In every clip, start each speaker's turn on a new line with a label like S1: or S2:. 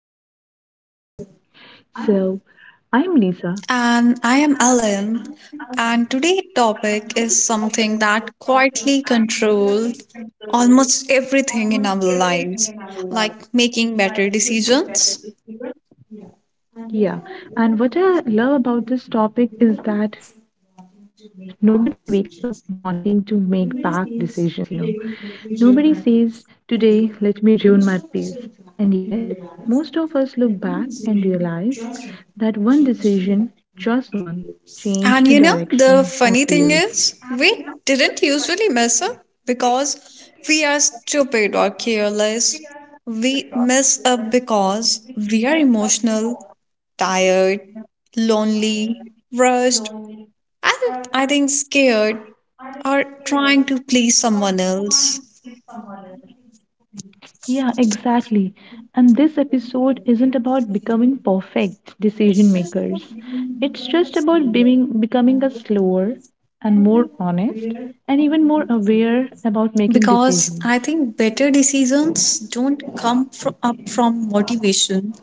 S1: and talking honestly. So, I'm Lisa.
S2: And I am Ellen, and today's topic is something that quietly controls almost everything in our lives, like making better decisions.
S1: Yeah, and what I love about this topic is that nobody wakes up wanting to make bad decisions. Nobody says, today, let me ruin my peace. And yet, most of us look back and realize that one decision, just one, changed the
S2: And you know,
S1: direction
S2: the
S1: of
S2: funny thing
S1: years.
S2: is, we didn't usually mess up because we are stupid or careless. We mess up because we are emotional, tired, lonely, rushed, and I think scared or trying to please someone else
S1: Yeah, exactly. And this episode isn't about becoming perfect decision makers. It's just about being, becoming a slower and more honest and even more aware about making
S2: because
S1: decisions.
S2: I think better decisions don't come up from motivation.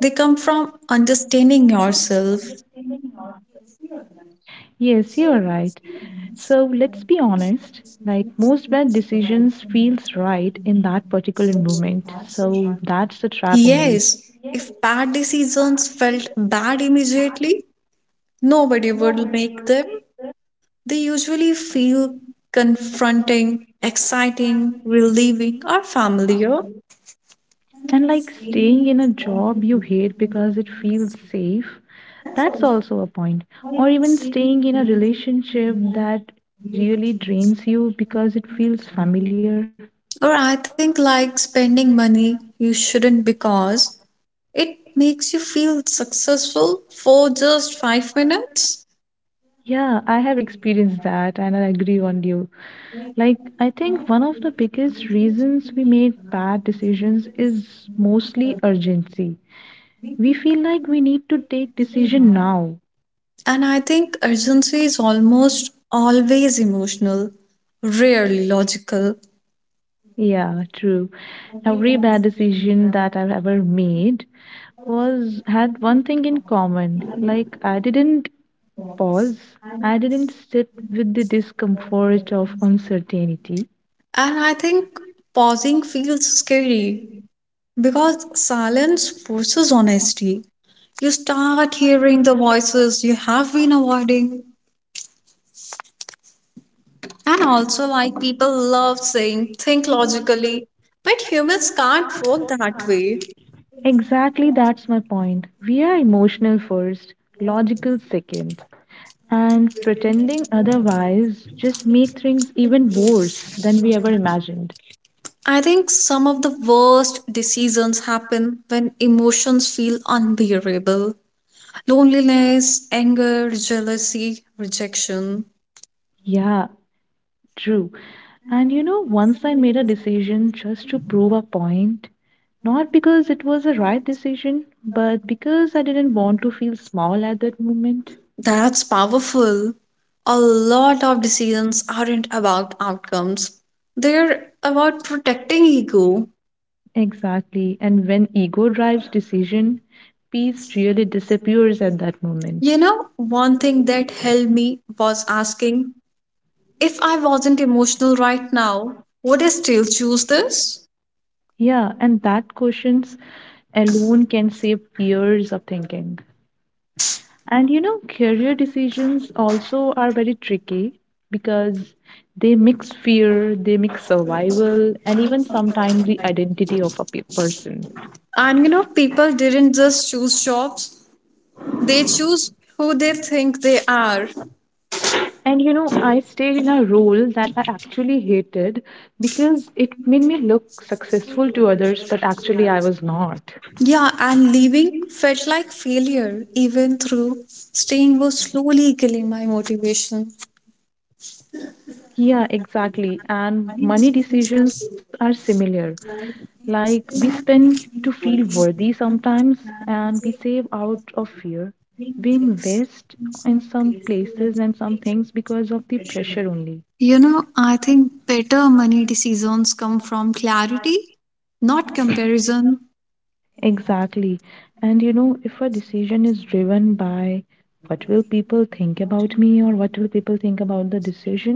S2: They come from understanding yourself.
S1: Yes, you are right. So let's be honest. Like most bad decisions feels right in that particular moment. So that's the trap only.
S2: Yes, if bad decisions felt bad immediately, nobody would make them. They usually feel confronting, exciting, relieving, or familiar.
S1: And like staying in a job you hate because it feels safe, that's also a point. Or even staying in a relationship that really drains you because it feels familiar.
S2: Or I think like spending money you shouldn't because it makes you feel successful for just 5 minutes.
S1: Yeah, I have experienced that and I agree on you. Like, I think one of the biggest reasons we make bad decisions is mostly urgency. We feel like we need to take decision now.
S2: And I think urgency is almost always emotional, rarely logical.
S1: Yeah, true. Every bad decision that I've ever made was had one thing in common. Like I didn't pause. I didn't sit with the discomfort of uncertainty.
S2: And I think pausing feels scary because silence forces honesty. You start hearing the voices you have been avoiding. And also, like people love saying, think logically, but humans can't work that way.
S1: Exactly, that's my point. We are emotional first, logical second, and pretending otherwise just make things even worse than we ever imagined.
S2: I think some of the worst decisions happen when emotions feel unbearable: loneliness, anger, jealousy, rejection.
S1: Yeah, true. And you know, once I made a decision just to prove a point, not because it was a right decision, but because I didn't want to feel small at that moment.
S2: That's powerful. A lot of decisions aren't about outcomes, they're about protecting ego.
S1: Exactly. And when ego drives decision, peace really disappears at that moment.
S2: You know, one thing that helped me was asking, if I wasn't emotional right now, would I still choose this?
S1: Yeah, and that questions alone can save years of thinking. And you know, career decisions also are very tricky because they mix fear, they mix survival, and even sometimes the identity of a person.
S2: And you know, people didn't just choose jobs, they choose who they think they are.
S1: And you know, I stayed in a role that I actually hated because it made me look successful to others, but actually I was not.
S2: Yeah, and leaving felt like failure, even through staying was slowly killing my motivation.
S1: Yeah, exactly. And money decisions are similar. Like we spend to feel worthy sometimes, and we save out of fear. We invest in some places and some things because of the pressure only.
S2: You know, I think better money decisions come from clarity, not comparison.
S1: Exactly. And you know, if a decision is driven by what will people think about me or what will people think about the decision,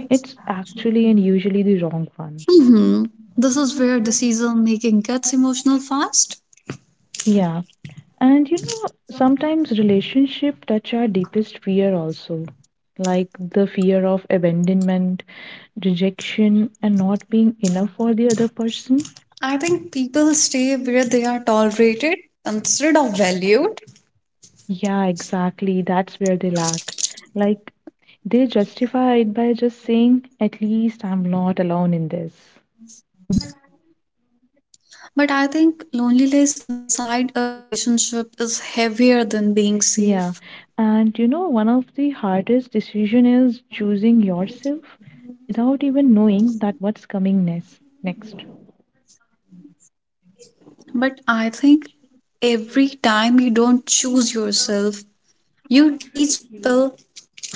S1: it's actually and usually the wrong one.
S2: hmm This is where decision making gets emotional fast.
S1: Yeah. And you know, sometimes relationship touch our deepest fear also, like the fear of abandonment, rejection, and not being enough for the other person.
S2: I think people stay where they are tolerated instead of valued.
S1: Yeah, exactly. That's where they lack. Like they justify it by just saying, at least I'm not alone in this.
S2: But I think loneliness inside a relationship is heavier than being
S1: Yeah.
S2: safe.
S1: And you know, one of the hardest decision is choosing yourself without even knowing that what's coming next.
S2: But I think every time you don't choose yourself, you teach people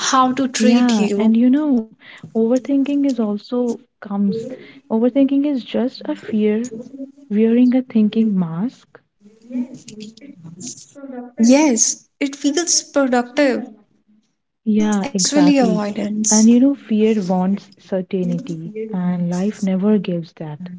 S2: how to treat
S1: Yeah,
S2: you.
S1: and you know, overthinking is also comes. Overthinking is just a fear wearing a thinking mask.
S2: Yes, it feels productive, but it's
S1: Yeah,
S2: actually
S1: exactly.
S2: avoidance.
S1: And you know, fear wants certainty, and life never gives that.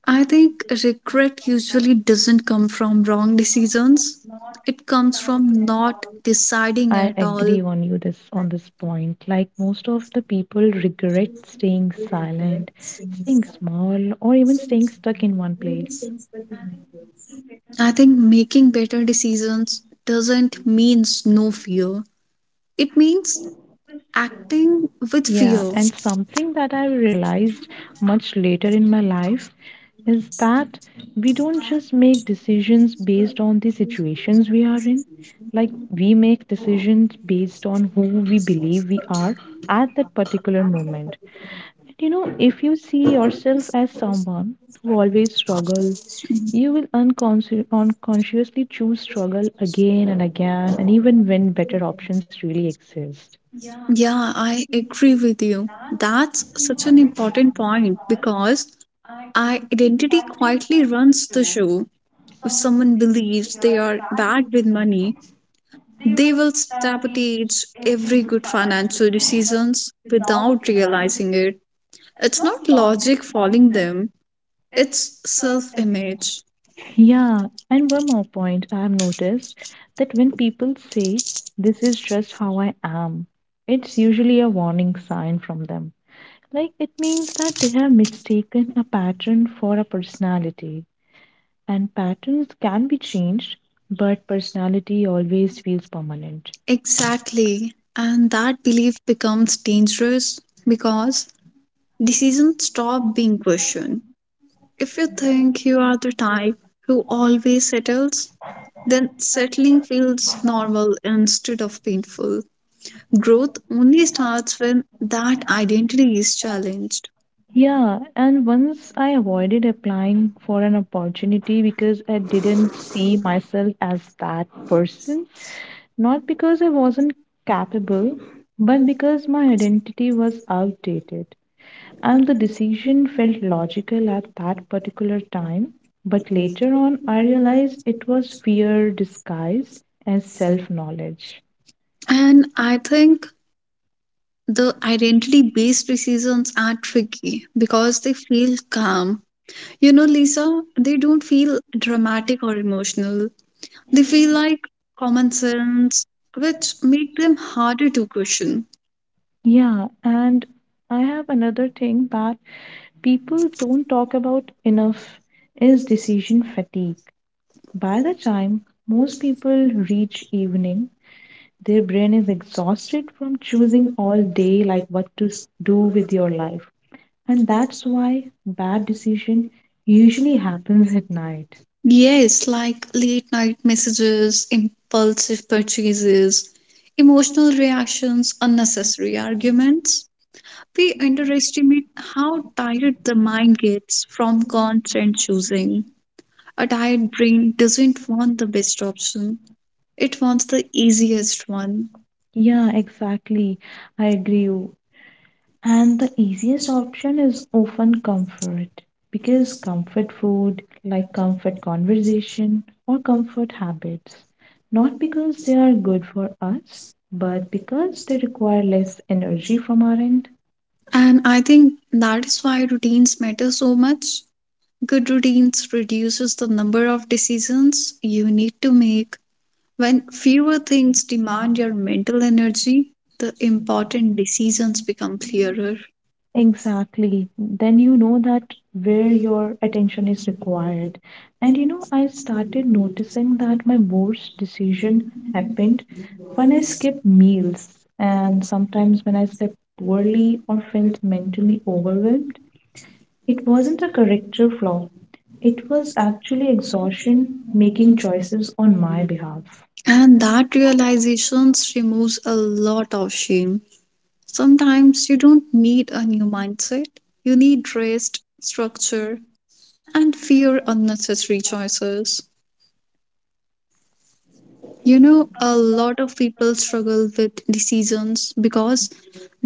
S2: I think regret usually doesn't come from wrong decisions. It comes from not deciding at
S1: I
S2: all.
S1: agree on you this on this point. Like most of the people regret staying silent, staying small, or even staying stuck in one place.
S2: I think making better decisions doesn't means no fear. It means acting with
S1: Yeah,
S2: fear.
S1: and something that I realized much later in my life is that we don't just make decisions based on the situations we are in. Like, we make decisions based on who we believe we are at that particular moment. And you know, if you see yourself as someone who always struggle, you will unconsciously choose struggle again and again, and even when better options really exist.
S2: Yeah, I agree with you. That's such an important point because I identity quietly runs the show. If someone believes they are bad with money, they will sabotage every good financial decisions without realizing it. It's not logic failing them, it's self-image.
S1: Yeah, and one more point I have noticed that when people say, this is just how I am, it's usually a warning sign from them. Like it means that they have mistaken a pattern for a personality, and patterns can be changed, but personality always feels permanent.
S2: Exactly. And that belief becomes dangerous because decisions stop being questioned. If you think you are the type who always settles, then settling feels normal instead of painful. Growth only starts when that identity is challenged.
S1: Yeah, and once I avoided applying for an opportunity because I didn't see myself as that person. Not because I wasn't capable, but because my identity was outdated. And the decision felt logical at that particular time. But later on, I realized it was fear disguised as self knowledge.
S2: And I think the identity based decisions are tricky because they feel calm. You know, Lisa, they don't feel dramatic or emotional. They feel like common sense, which make them harder to question.
S1: Yeah, and I have another thing that people don't talk about enough is decision fatigue. By the time most people reach evening, their brain is exhausted from choosing all day like what to do with your life. And that's why bad decision usually happens at night.
S2: Yes, like late night messages, impulsive purchases, emotional reactions, unnecessary arguments. We underestimate how tired the mind gets from constant choosing. A tired brain doesn't want the best option, it wants the easiest one.
S1: Yeah, exactly. I agree. And the easiest option is often comfort because comfort food, like comfort conversation or comfort habits, not because they are good for us, but because they require less energy from our end.
S2: And I think that is why routines matter so much. Good routines reduces the number of decisions you need to make. When fewer things demand your mental energy, the important decisions become clearer.
S1: Exactly. Then you know that where your attention is required. And you know, I started noticing that my worst decision happened when I skipped meals and sometimes when I slept poorly or felt mentally overwhelmed. It wasn't a character flaw, it was actually exhaustion making choices on my behalf.
S2: And that realizations removes a lot of shame. Sometimes you don't need a new mindset. You need rest, structure, and fear unnecessary choices. You know, a lot of people struggle with decisions because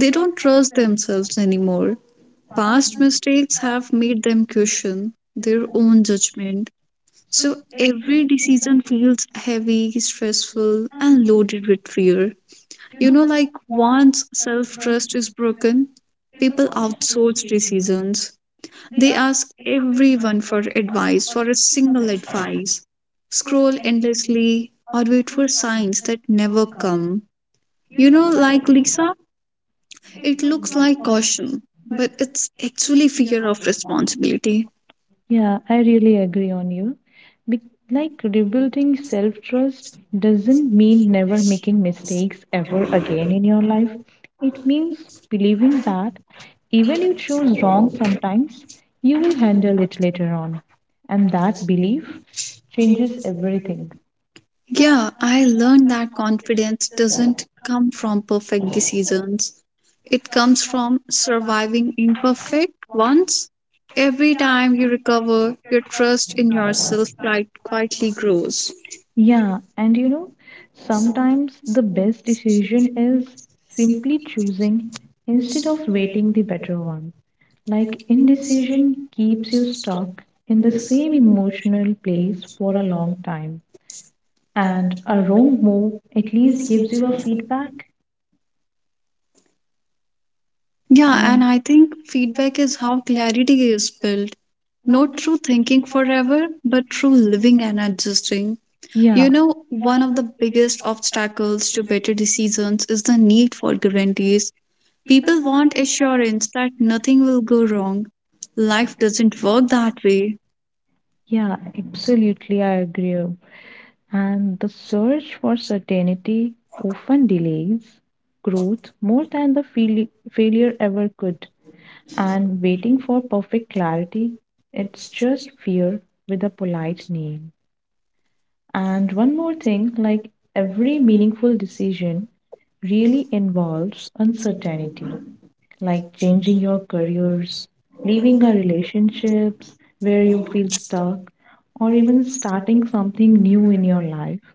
S2: they don't trust themselves anymore. Past mistakes have made them question their own judgment. So every decision feels heavy, stressful, and loaded with fear. You know, like once self trust is broken, people outsource decisions. They ask everyone for advice, for a single advice, scroll endlessly, or wait for signs that never come. You know, like Lisa, it looks like caution, but it's actually fear of responsibility.
S1: Yeah, I really agree on you. Be- like rebuilding self trust doesn't mean never making mistakes ever again in your life. It means believing that even you choose wrong sometimes, you will handle it later on. And that belief changes everything.
S2: Yeah, I learned that confidence doesn't come from perfect decisions. It comes from surviving imperfect ones. Every time you recover, your trust in yourself quite quietly grows.
S1: Yeah, and you know, sometimes the best decision is simply choosing instead of waiting the better one. Like indecision keeps you stuck in the same emotional place for a long time, and a wrong move at least gives you a feedback.
S2: Yeah, and I think feedback is how clarity is built. Not through thinking forever, but through living and adjusting.
S1: Yeah,
S2: You know, one of the biggest obstacles to better decisions is the need for guarantees. People want assurance that nothing will go wrong. Life doesn't work that way.
S1: yeah, absolutely, I agree. And the search for certainty often delays growth more than the failure ever could. And waiting for perfect clarity, it's just fear with a polite name. And one more thing like every meaningful decision really involves uncertainty, like changing your careers, leaving a relationships where you feel stuck, or even starting something new in your life.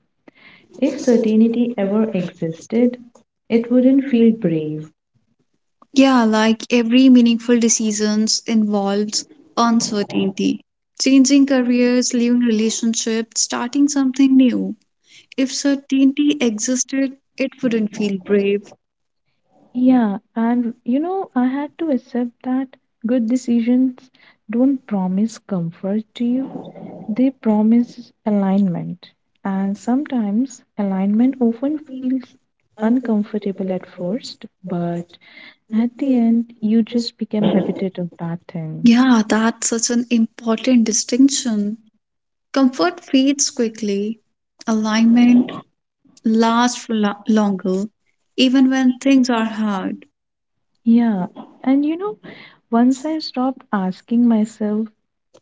S1: If certainty ever existed, it wouldn't feel brave.
S2: Yeah, like every meaningful decisions involves uncertainty. Changing careers, leaving relationships, starting something new. If certainty existed, it wouldn't feel brave.
S1: Yeah, and you know, I had to accept that good decisions don't promise comfort to you, they promise alignment. And sometimes alignment often feels uncomfortable at first, but at the end, you just become habited of that thing.
S2: Yeah, that's such an important distinction. Comfort fades quickly, alignment lasts for longer, even when things are hard.
S1: Yeah, and you know, once I stopped asking myself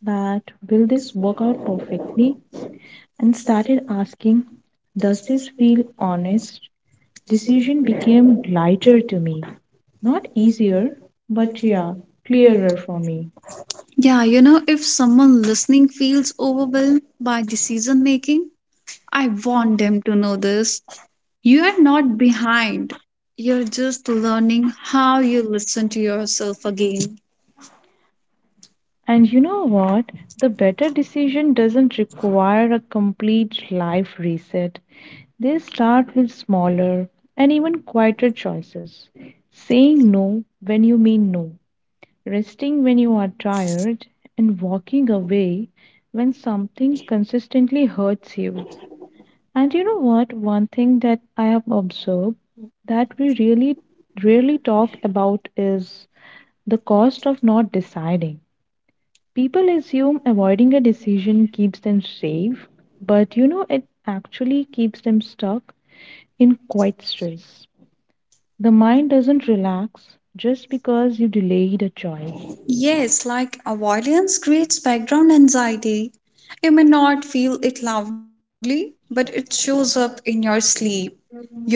S1: that will this work out perfectly and started asking, does this feel honest? Decision became lighter to me. Not easier, but yeah, clearer for me.
S2: Yeah, you know, if someone listening feels overwhelmed by decision making, I want them to know this. You're not behind. You're just learning how you listen to yourself again.
S1: And you know what? The better decision doesn't require a complete life reset. They start with smaller and even quieter choices. Saying no when you mean no, resting when you are tired, and walking away when something consistently hurts you. And you know what? One thing that I have observed that we really rarely talk about is the cost of not deciding. People assume avoiding a decision keeps them safe, but you know, it actually keeps them stuck in quite stress. The mind doesn't relax just because you delayed a choice.
S2: Yes, like avoidance creates background anxiety. You may not feel it loudly, but it shows up in your sleep,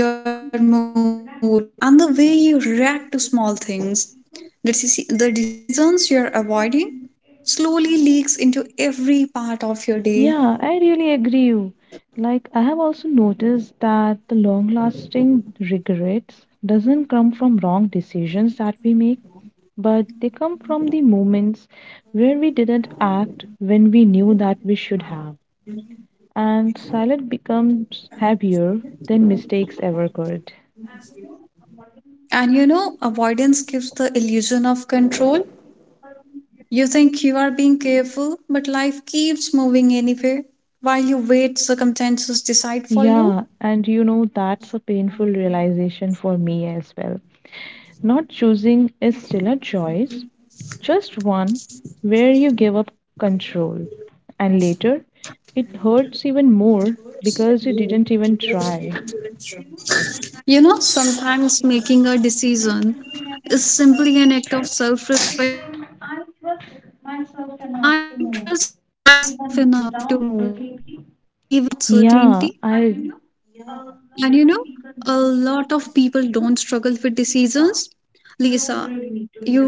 S2: your mood, and the way you react to small things. The decisions you're avoiding slowly leaks into every part of your day.
S1: Yeah, I really agree you. Like I have also noticed that the long-lasting regrets doesn't come from wrong decisions that we make, but they come from the moments where we didn't act when we knew that we should have. And silence becomes heavier than mistakes ever could.
S2: And you know, avoidance gives the illusion of control. You think you are being careful, but life keeps moving anyway while you wait circumstances decide for you.
S1: Yeah, and you know, that's a painful realization for me as well. Not choosing is still a choice, just one where you give up control. And later, it hurts even more because you didn't even try.
S2: You know, sometimes making a decision is simply an act of self respect. It's saying, I trust myself enough to move, even without certainty.
S1: Yeah, I.
S2: And you know, a lot of people don't struggle with decisions. Lisa,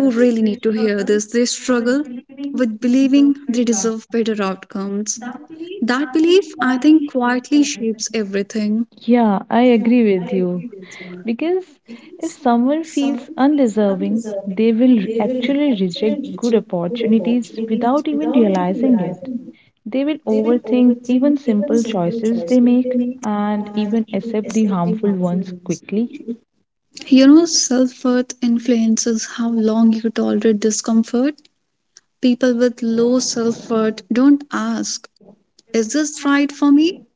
S2: you really need to hear this. They struggle with believing they deserve better outcomes. That belief, I think, quietly shapes everything.
S1: Yeah, I agree with you. Because if someone feels undeserving, they will actually reject good opportunities without even realizing it. They will overthink even simple choices they make and even accept the harmful ones quickly.
S2: You know, self worth influences how long you tolerate discomfort. People with low self worth don't ask, is this right for me?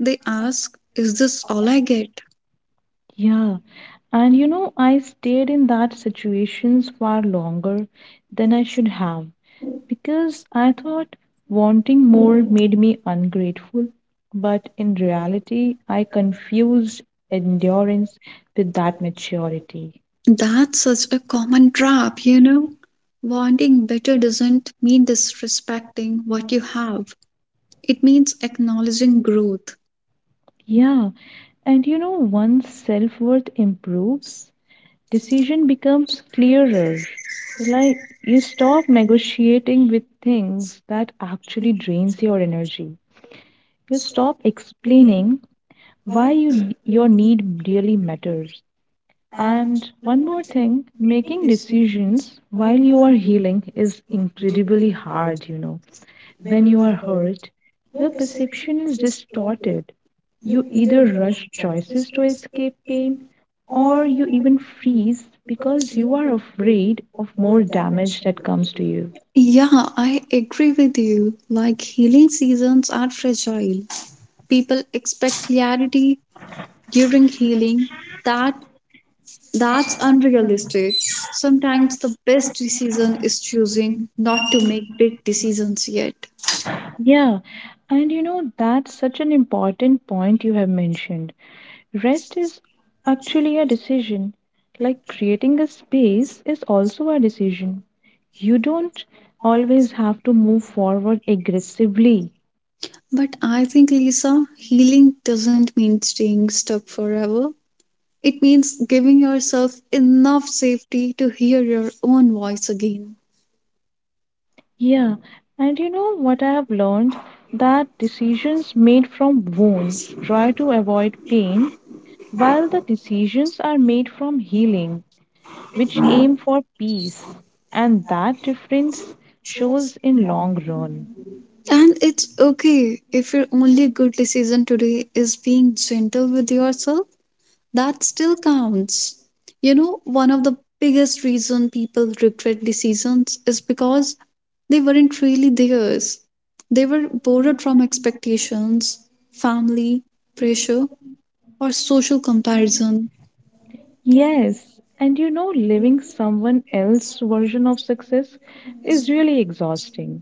S2: They ask, is this all I get?
S1: Yeah, and you know, I stayed in that situations far longer than I should have. Because I thought wanting more made me ungrateful, but in reality, I confused endurance with that maturity.
S2: That's such a common trap, you know. Wanting better doesn't mean disrespecting what you have, it means acknowledging growth.
S1: Yeah, and you know, once self worth improves, decision becomes clearer. Like you stop negotiating with things that actually drains your energy. You stop explaining why you, your need really matters. And one more thing, making decisions while you are healing is incredibly hard, you know. When you are hurt, your perception is distorted. You either rush choices to escape pain or you even freeze because you are afraid of more damage that comes to you.
S2: Yeah, I agree with you. Like healing seasons are fragile. People expect clarity, during healing that that's unrealistic. Sometimes the best decision is choosing not to make big decisions yet,
S1: Yeah, and you know, that's such an important point you have mentioned. Rest is actually a decision. Like creating a space is also a decision. You don't always have to move forward aggressively.
S2: but I think, Lisa, healing doesn't mean staying stuck forever. It means giving yourself enough safety to hear your own voice again.
S1: Yeah, and you know what I have learned? That decisions made from wounds try to avoid pain, while the decisions are made from healing which aim for peace, and that difference shows in long run.
S2: And it's okay if your only good decision today is being gentle with yourself. That still counts. You know, one of the biggest reason people regret decisions is because they weren't really theirs. They were borrowed from expectations, family, pressure, or social comparison.
S1: Yes, and you know, living someone else's version of success is really exhausting.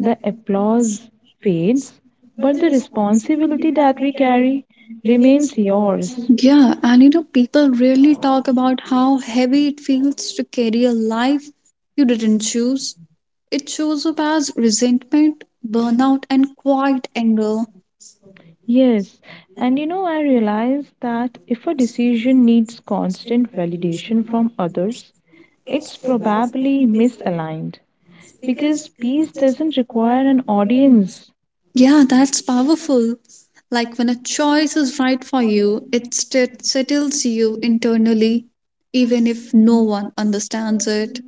S1: The applause fades, but the responsibility that we carry remains yours.
S2: Yeah, and you know, people rarely talk about how heavy it feels to carry a life you didn't choose. It shows up as resentment, burnout, and quiet anger.
S1: Yes, and you know, I realize that if a decision needs constant validation from others, it's probably misaligned. Because peace doesn't require an audience.
S2: Yeah, that's powerful. Like when a choice is right for you, it settles you internally, even if no one understands it.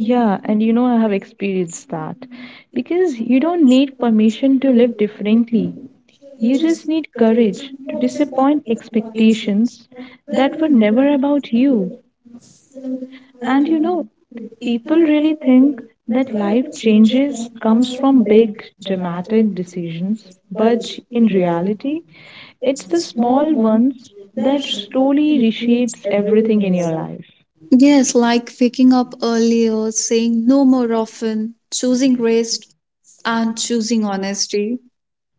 S1: Yeah, and you know, I have experienced that. Because you don't need permission to live differently. You just need courage to disappoint expectations that were never about you. And you know, people really think that life changes comes from big dramatic decisions but in reality it's the small ones that slowly reshapes everything in your life.
S2: Yes, like waking up earlier, saying no more often, choosing rest, and choosing honesty.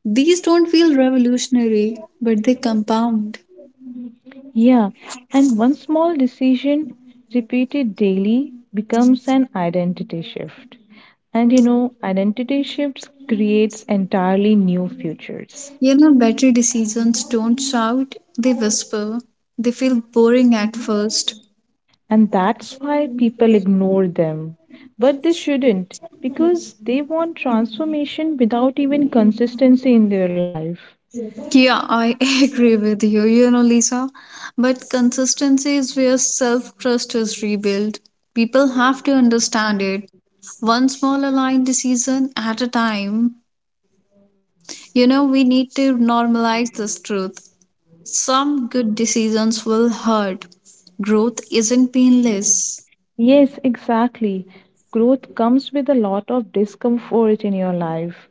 S2: These don't feel revolutionary, but they compound.
S1: Yeah, and one small decision repeated daily becomes an identity shift. And you know, identity shifts creates entirely new futures.
S2: You know, better decisions don't shout, they whisper. They feel boring at first.
S1: And that's why people ignore them. But they shouldn't, because they want transformation without even consistency in their life.
S2: Yeah, I agree with you, you know, Lisa. But consistency is where self trust is rebuilt. People have to understand it. One small aligned decision at a time. You know, we need to normalize this truth. Some good decisions will hurt. Growth isn't painless.
S1: Yes, exactly. Growth comes with a lot of discomfort in your life.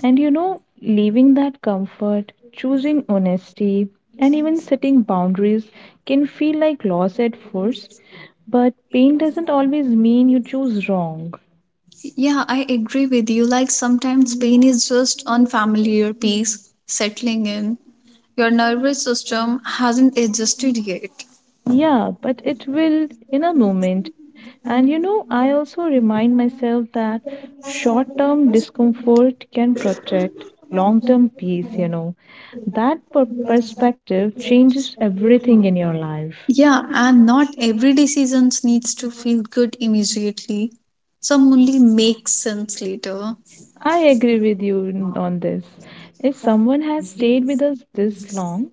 S1: And you know, leaving that comfort, choosing honesty, and even setting boundaries can feel like loss at first. But pain doesn't always mean you choose wrong.
S2: Yeah, I agree with you. Like sometimes pain is just unfamiliar peace settling in. Your nervous system hasn't adjusted yet.
S1: Yeah, but it will in a moment. And you know, I also remind myself that short term discomfort can protect long term peace, you know. That perspective changes everything in your life.
S2: Yeah, and not every decision needs to feel good immediately. Some only make sense later.
S1: I agree with you on this. If someone has stayed with us this long,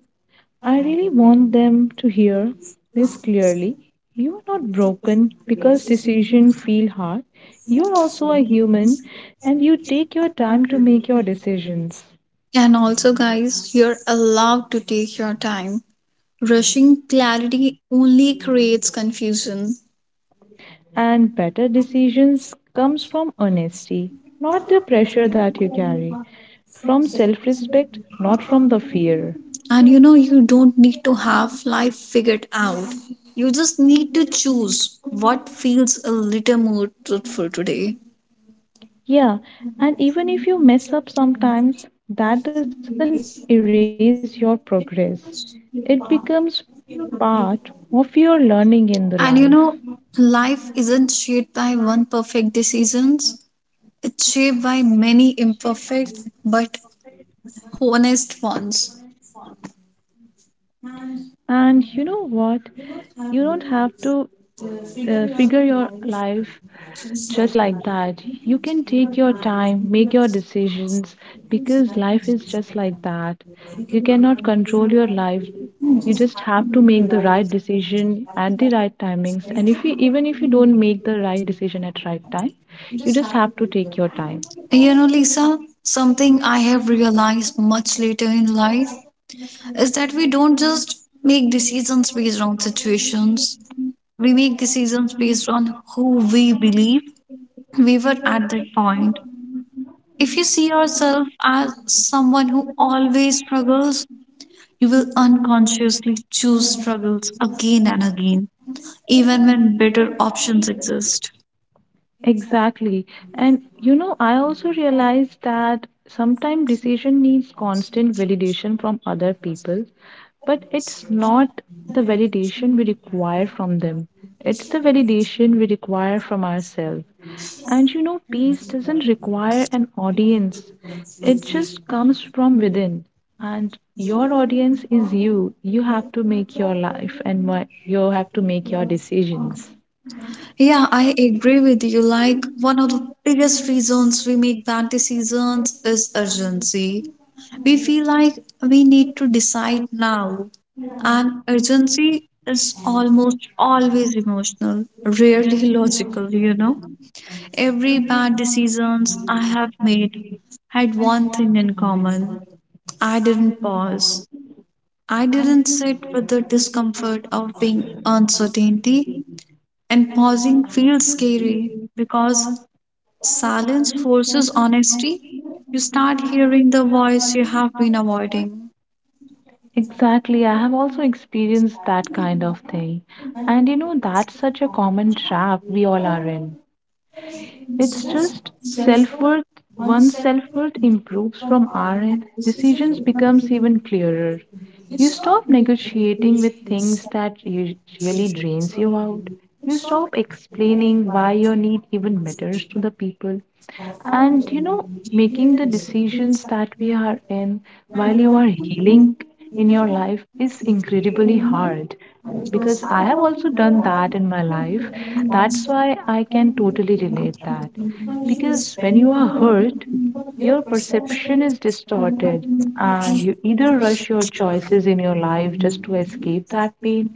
S1: I really want them to hear this clearly. You are not broken because decisions feel hard. You are also a human and you take your time to make your decisions.
S2: And also, guys, you're allowed to take your time. Rushing clarity only creates confusion.
S1: And better decisions comes from honesty, not the pressure that you carry, from self-respect, not from the fear.
S2: And you know, you don't need to have life figured out. You just need to choose what feels a little more truthful today.
S1: Yeah, and even if you mess up sometimes, that doesn't erase your progress. It becomes part of your learning in the life.
S2: And you know, life isn't shaped by one perfect decisions. It's shaped by many imperfect but honest ones.
S1: And you know what? You don't have to figure your life just like that. You can take your time, make your decisions because life is just like that. You cannot control your life. You just have to make the right decision at the right timings. And if you even if you don't make the right decision at right time, you just have to take your time.
S2: You know, Lisa, something I have realized much later in life is that we don't just make decisions based on situations, we make decisions based on who we believe we were at that point. If you see yourself as someone who always struggles, you will unconsciously choose struggles again and again, even when better options exist.
S1: Exactly. And you know, I also realized that sometimes decision needs constant validation from other people, but it's not the validation we require from them. It's the validation we require from ourselves. And you know, peace doesn't require an audience. It just comes from within. And your audience is you. You have to make your life and you have to make your decisions.
S2: Yeah, I agree with you. Like, one of the biggest reasons we make bad decisions is urgency. We feel like we need to decide now, and urgency is almost always emotional, rarely logical, you know. Every bad decisions I have made had one thing in common. I didn't pause. I didn't sit with the discomfort of being uncertainty. And pausing feels scary because silence forces honesty. You start hearing the voice you have been avoiding.
S1: Exactly. I have also experienced that kind of thing. And you know, that's such a common trap we all are in. It's just self-worth, one's self-worth improves from our end. Decisions becomes even clearer. You stop negotiating with things that really drains you out. You stop explaining why your need even matters to the people. And you know, making the decisions that we are in while you are healing in your life is incredibly hard because I have also done that in my life. That's why I can totally relate that. Because when you are hurt, your perception is distorted, and you either rush your choices in your life just to escape that pain,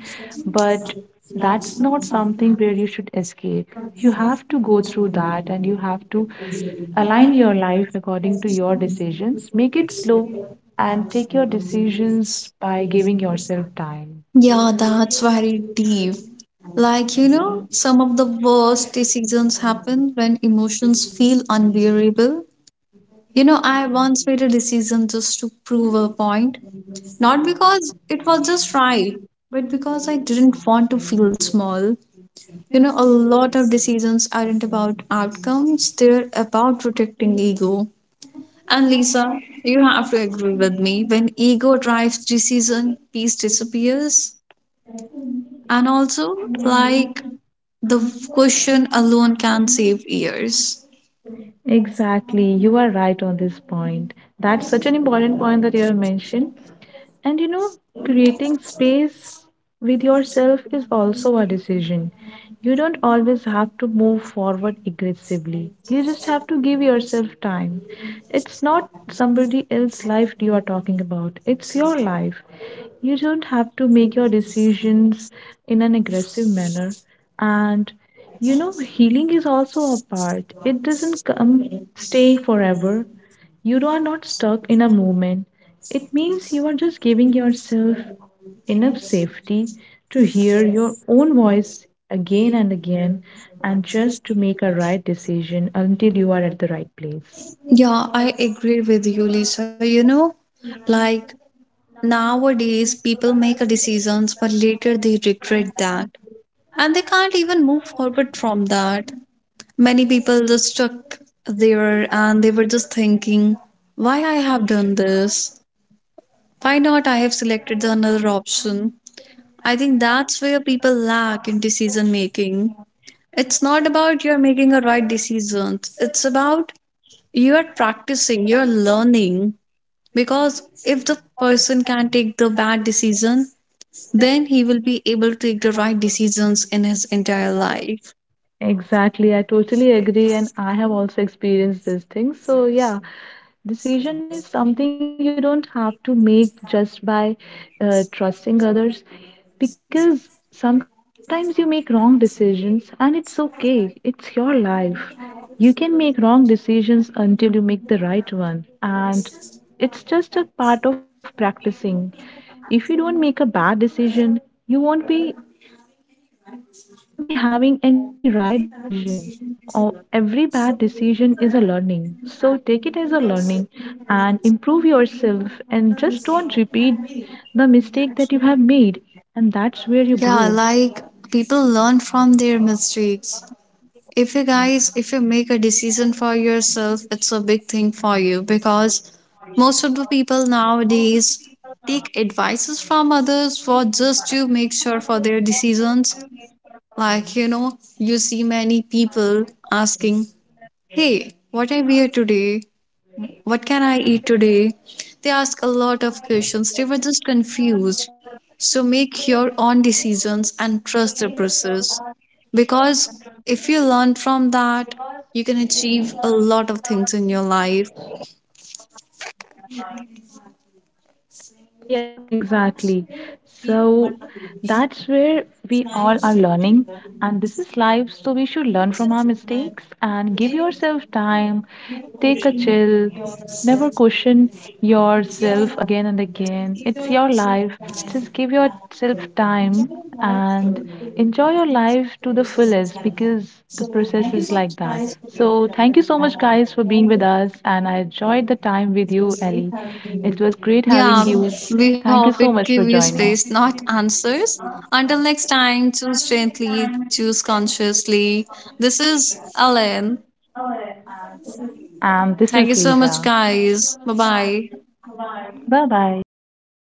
S1: but that's not something where you should escape. You have to go through that and you have to align your life according to your decisions. Make it slow and take your decisions by giving yourself time.
S2: Yeah, that's very deep. Like, you know, some of the worst decisions happen when emotions feel unbearable. You know, I once made a decision just to prove a point, not because it was just right, but because I didn't want to feel small. You know, a lot of decisions aren't about outcomes, they're about protecting ego. And Lisa, you have to agree with me. When ego drives decision, peace disappears. And also, like, the question alone can save years.
S1: Exactly, you are right on this point. That's such an important point that you have mentioned. And you know, creating space with yourself is also a decision. You don't always have to move forward aggressively. You just have to give yourself time. It's not somebody else's life you are talking about, it's your life. You don't have to make your decisions in an aggressive manner. And you know, healing is also a part. It doesn't come stay forever. You are not stuck in a moment. It means you are just giving yourself enough safety to hear your own voice again and again and just to make a right decision until you are at the right place.
S2: Yeah, I agree with you, Lisa. You know, like, nowadays people make a decisions, but later they regret that and they can't even move forward from that. Many people just stuck there and they were just thinking, why I have done this? Why not I have selected the another option? I think that's where people lack in decision making. It's not about you're making a right decision. It's about you're practicing, you're learning. Because if the person can take the bad decision, then he will be able to take the right decisions in his entire life.
S1: Exactly, I totally agree, and I have also experienced these things. So, yeah, decision is something you don't have to make just by trusting others because sometimes you make wrong decisions, and it's okay, it's your life. You can make wrong decisions until you make the right one, and it's just a part of practicing. If you don't make a bad decision, you won't be you won't be having any right decision. Oh, every bad decision is a learning. So take it as a learning and improve yourself and just don't repeat the mistake that you have made. And that's where you
S2: Yeah,
S1: grow.
S2: like people learn from their mistakes. If you make a decision for yourself, it's a big thing for you, because most of the people nowadays take advices from others for just to make sure for their decisions. Like, you know, you see many people asking, hey, what I wear today? What can I eat today? They ask a lot of questions. They were just confused. So make your own decisions and trust the process. Because if you learn from that, you can achieve a lot of things in your life.
S1: Yeah, exactly. So that's where we all are learning, and this is life. So we should learn from our mistakes and give yourself time, take a chill, never question yourself again and again. It's your life. Just give yourself time and enjoy your life to the fullest because the process is like that. So thank you so much, guys, for being with us, and I enjoyed the time with you, Ellie. It was great
S2: Yeah,
S1: having
S2: we
S1: you.
S2: hope it give
S1: Thank you
S2: you
S1: so much for
S2: space, not
S1: joining.
S2: answers. Until next time, choose gently, choose consciously. This is Ellen. Thank you so
S1: And
S2: much,
S1: this is
S2: guys.
S1: Lisa.
S2: Bye bye.
S1: Bye bye.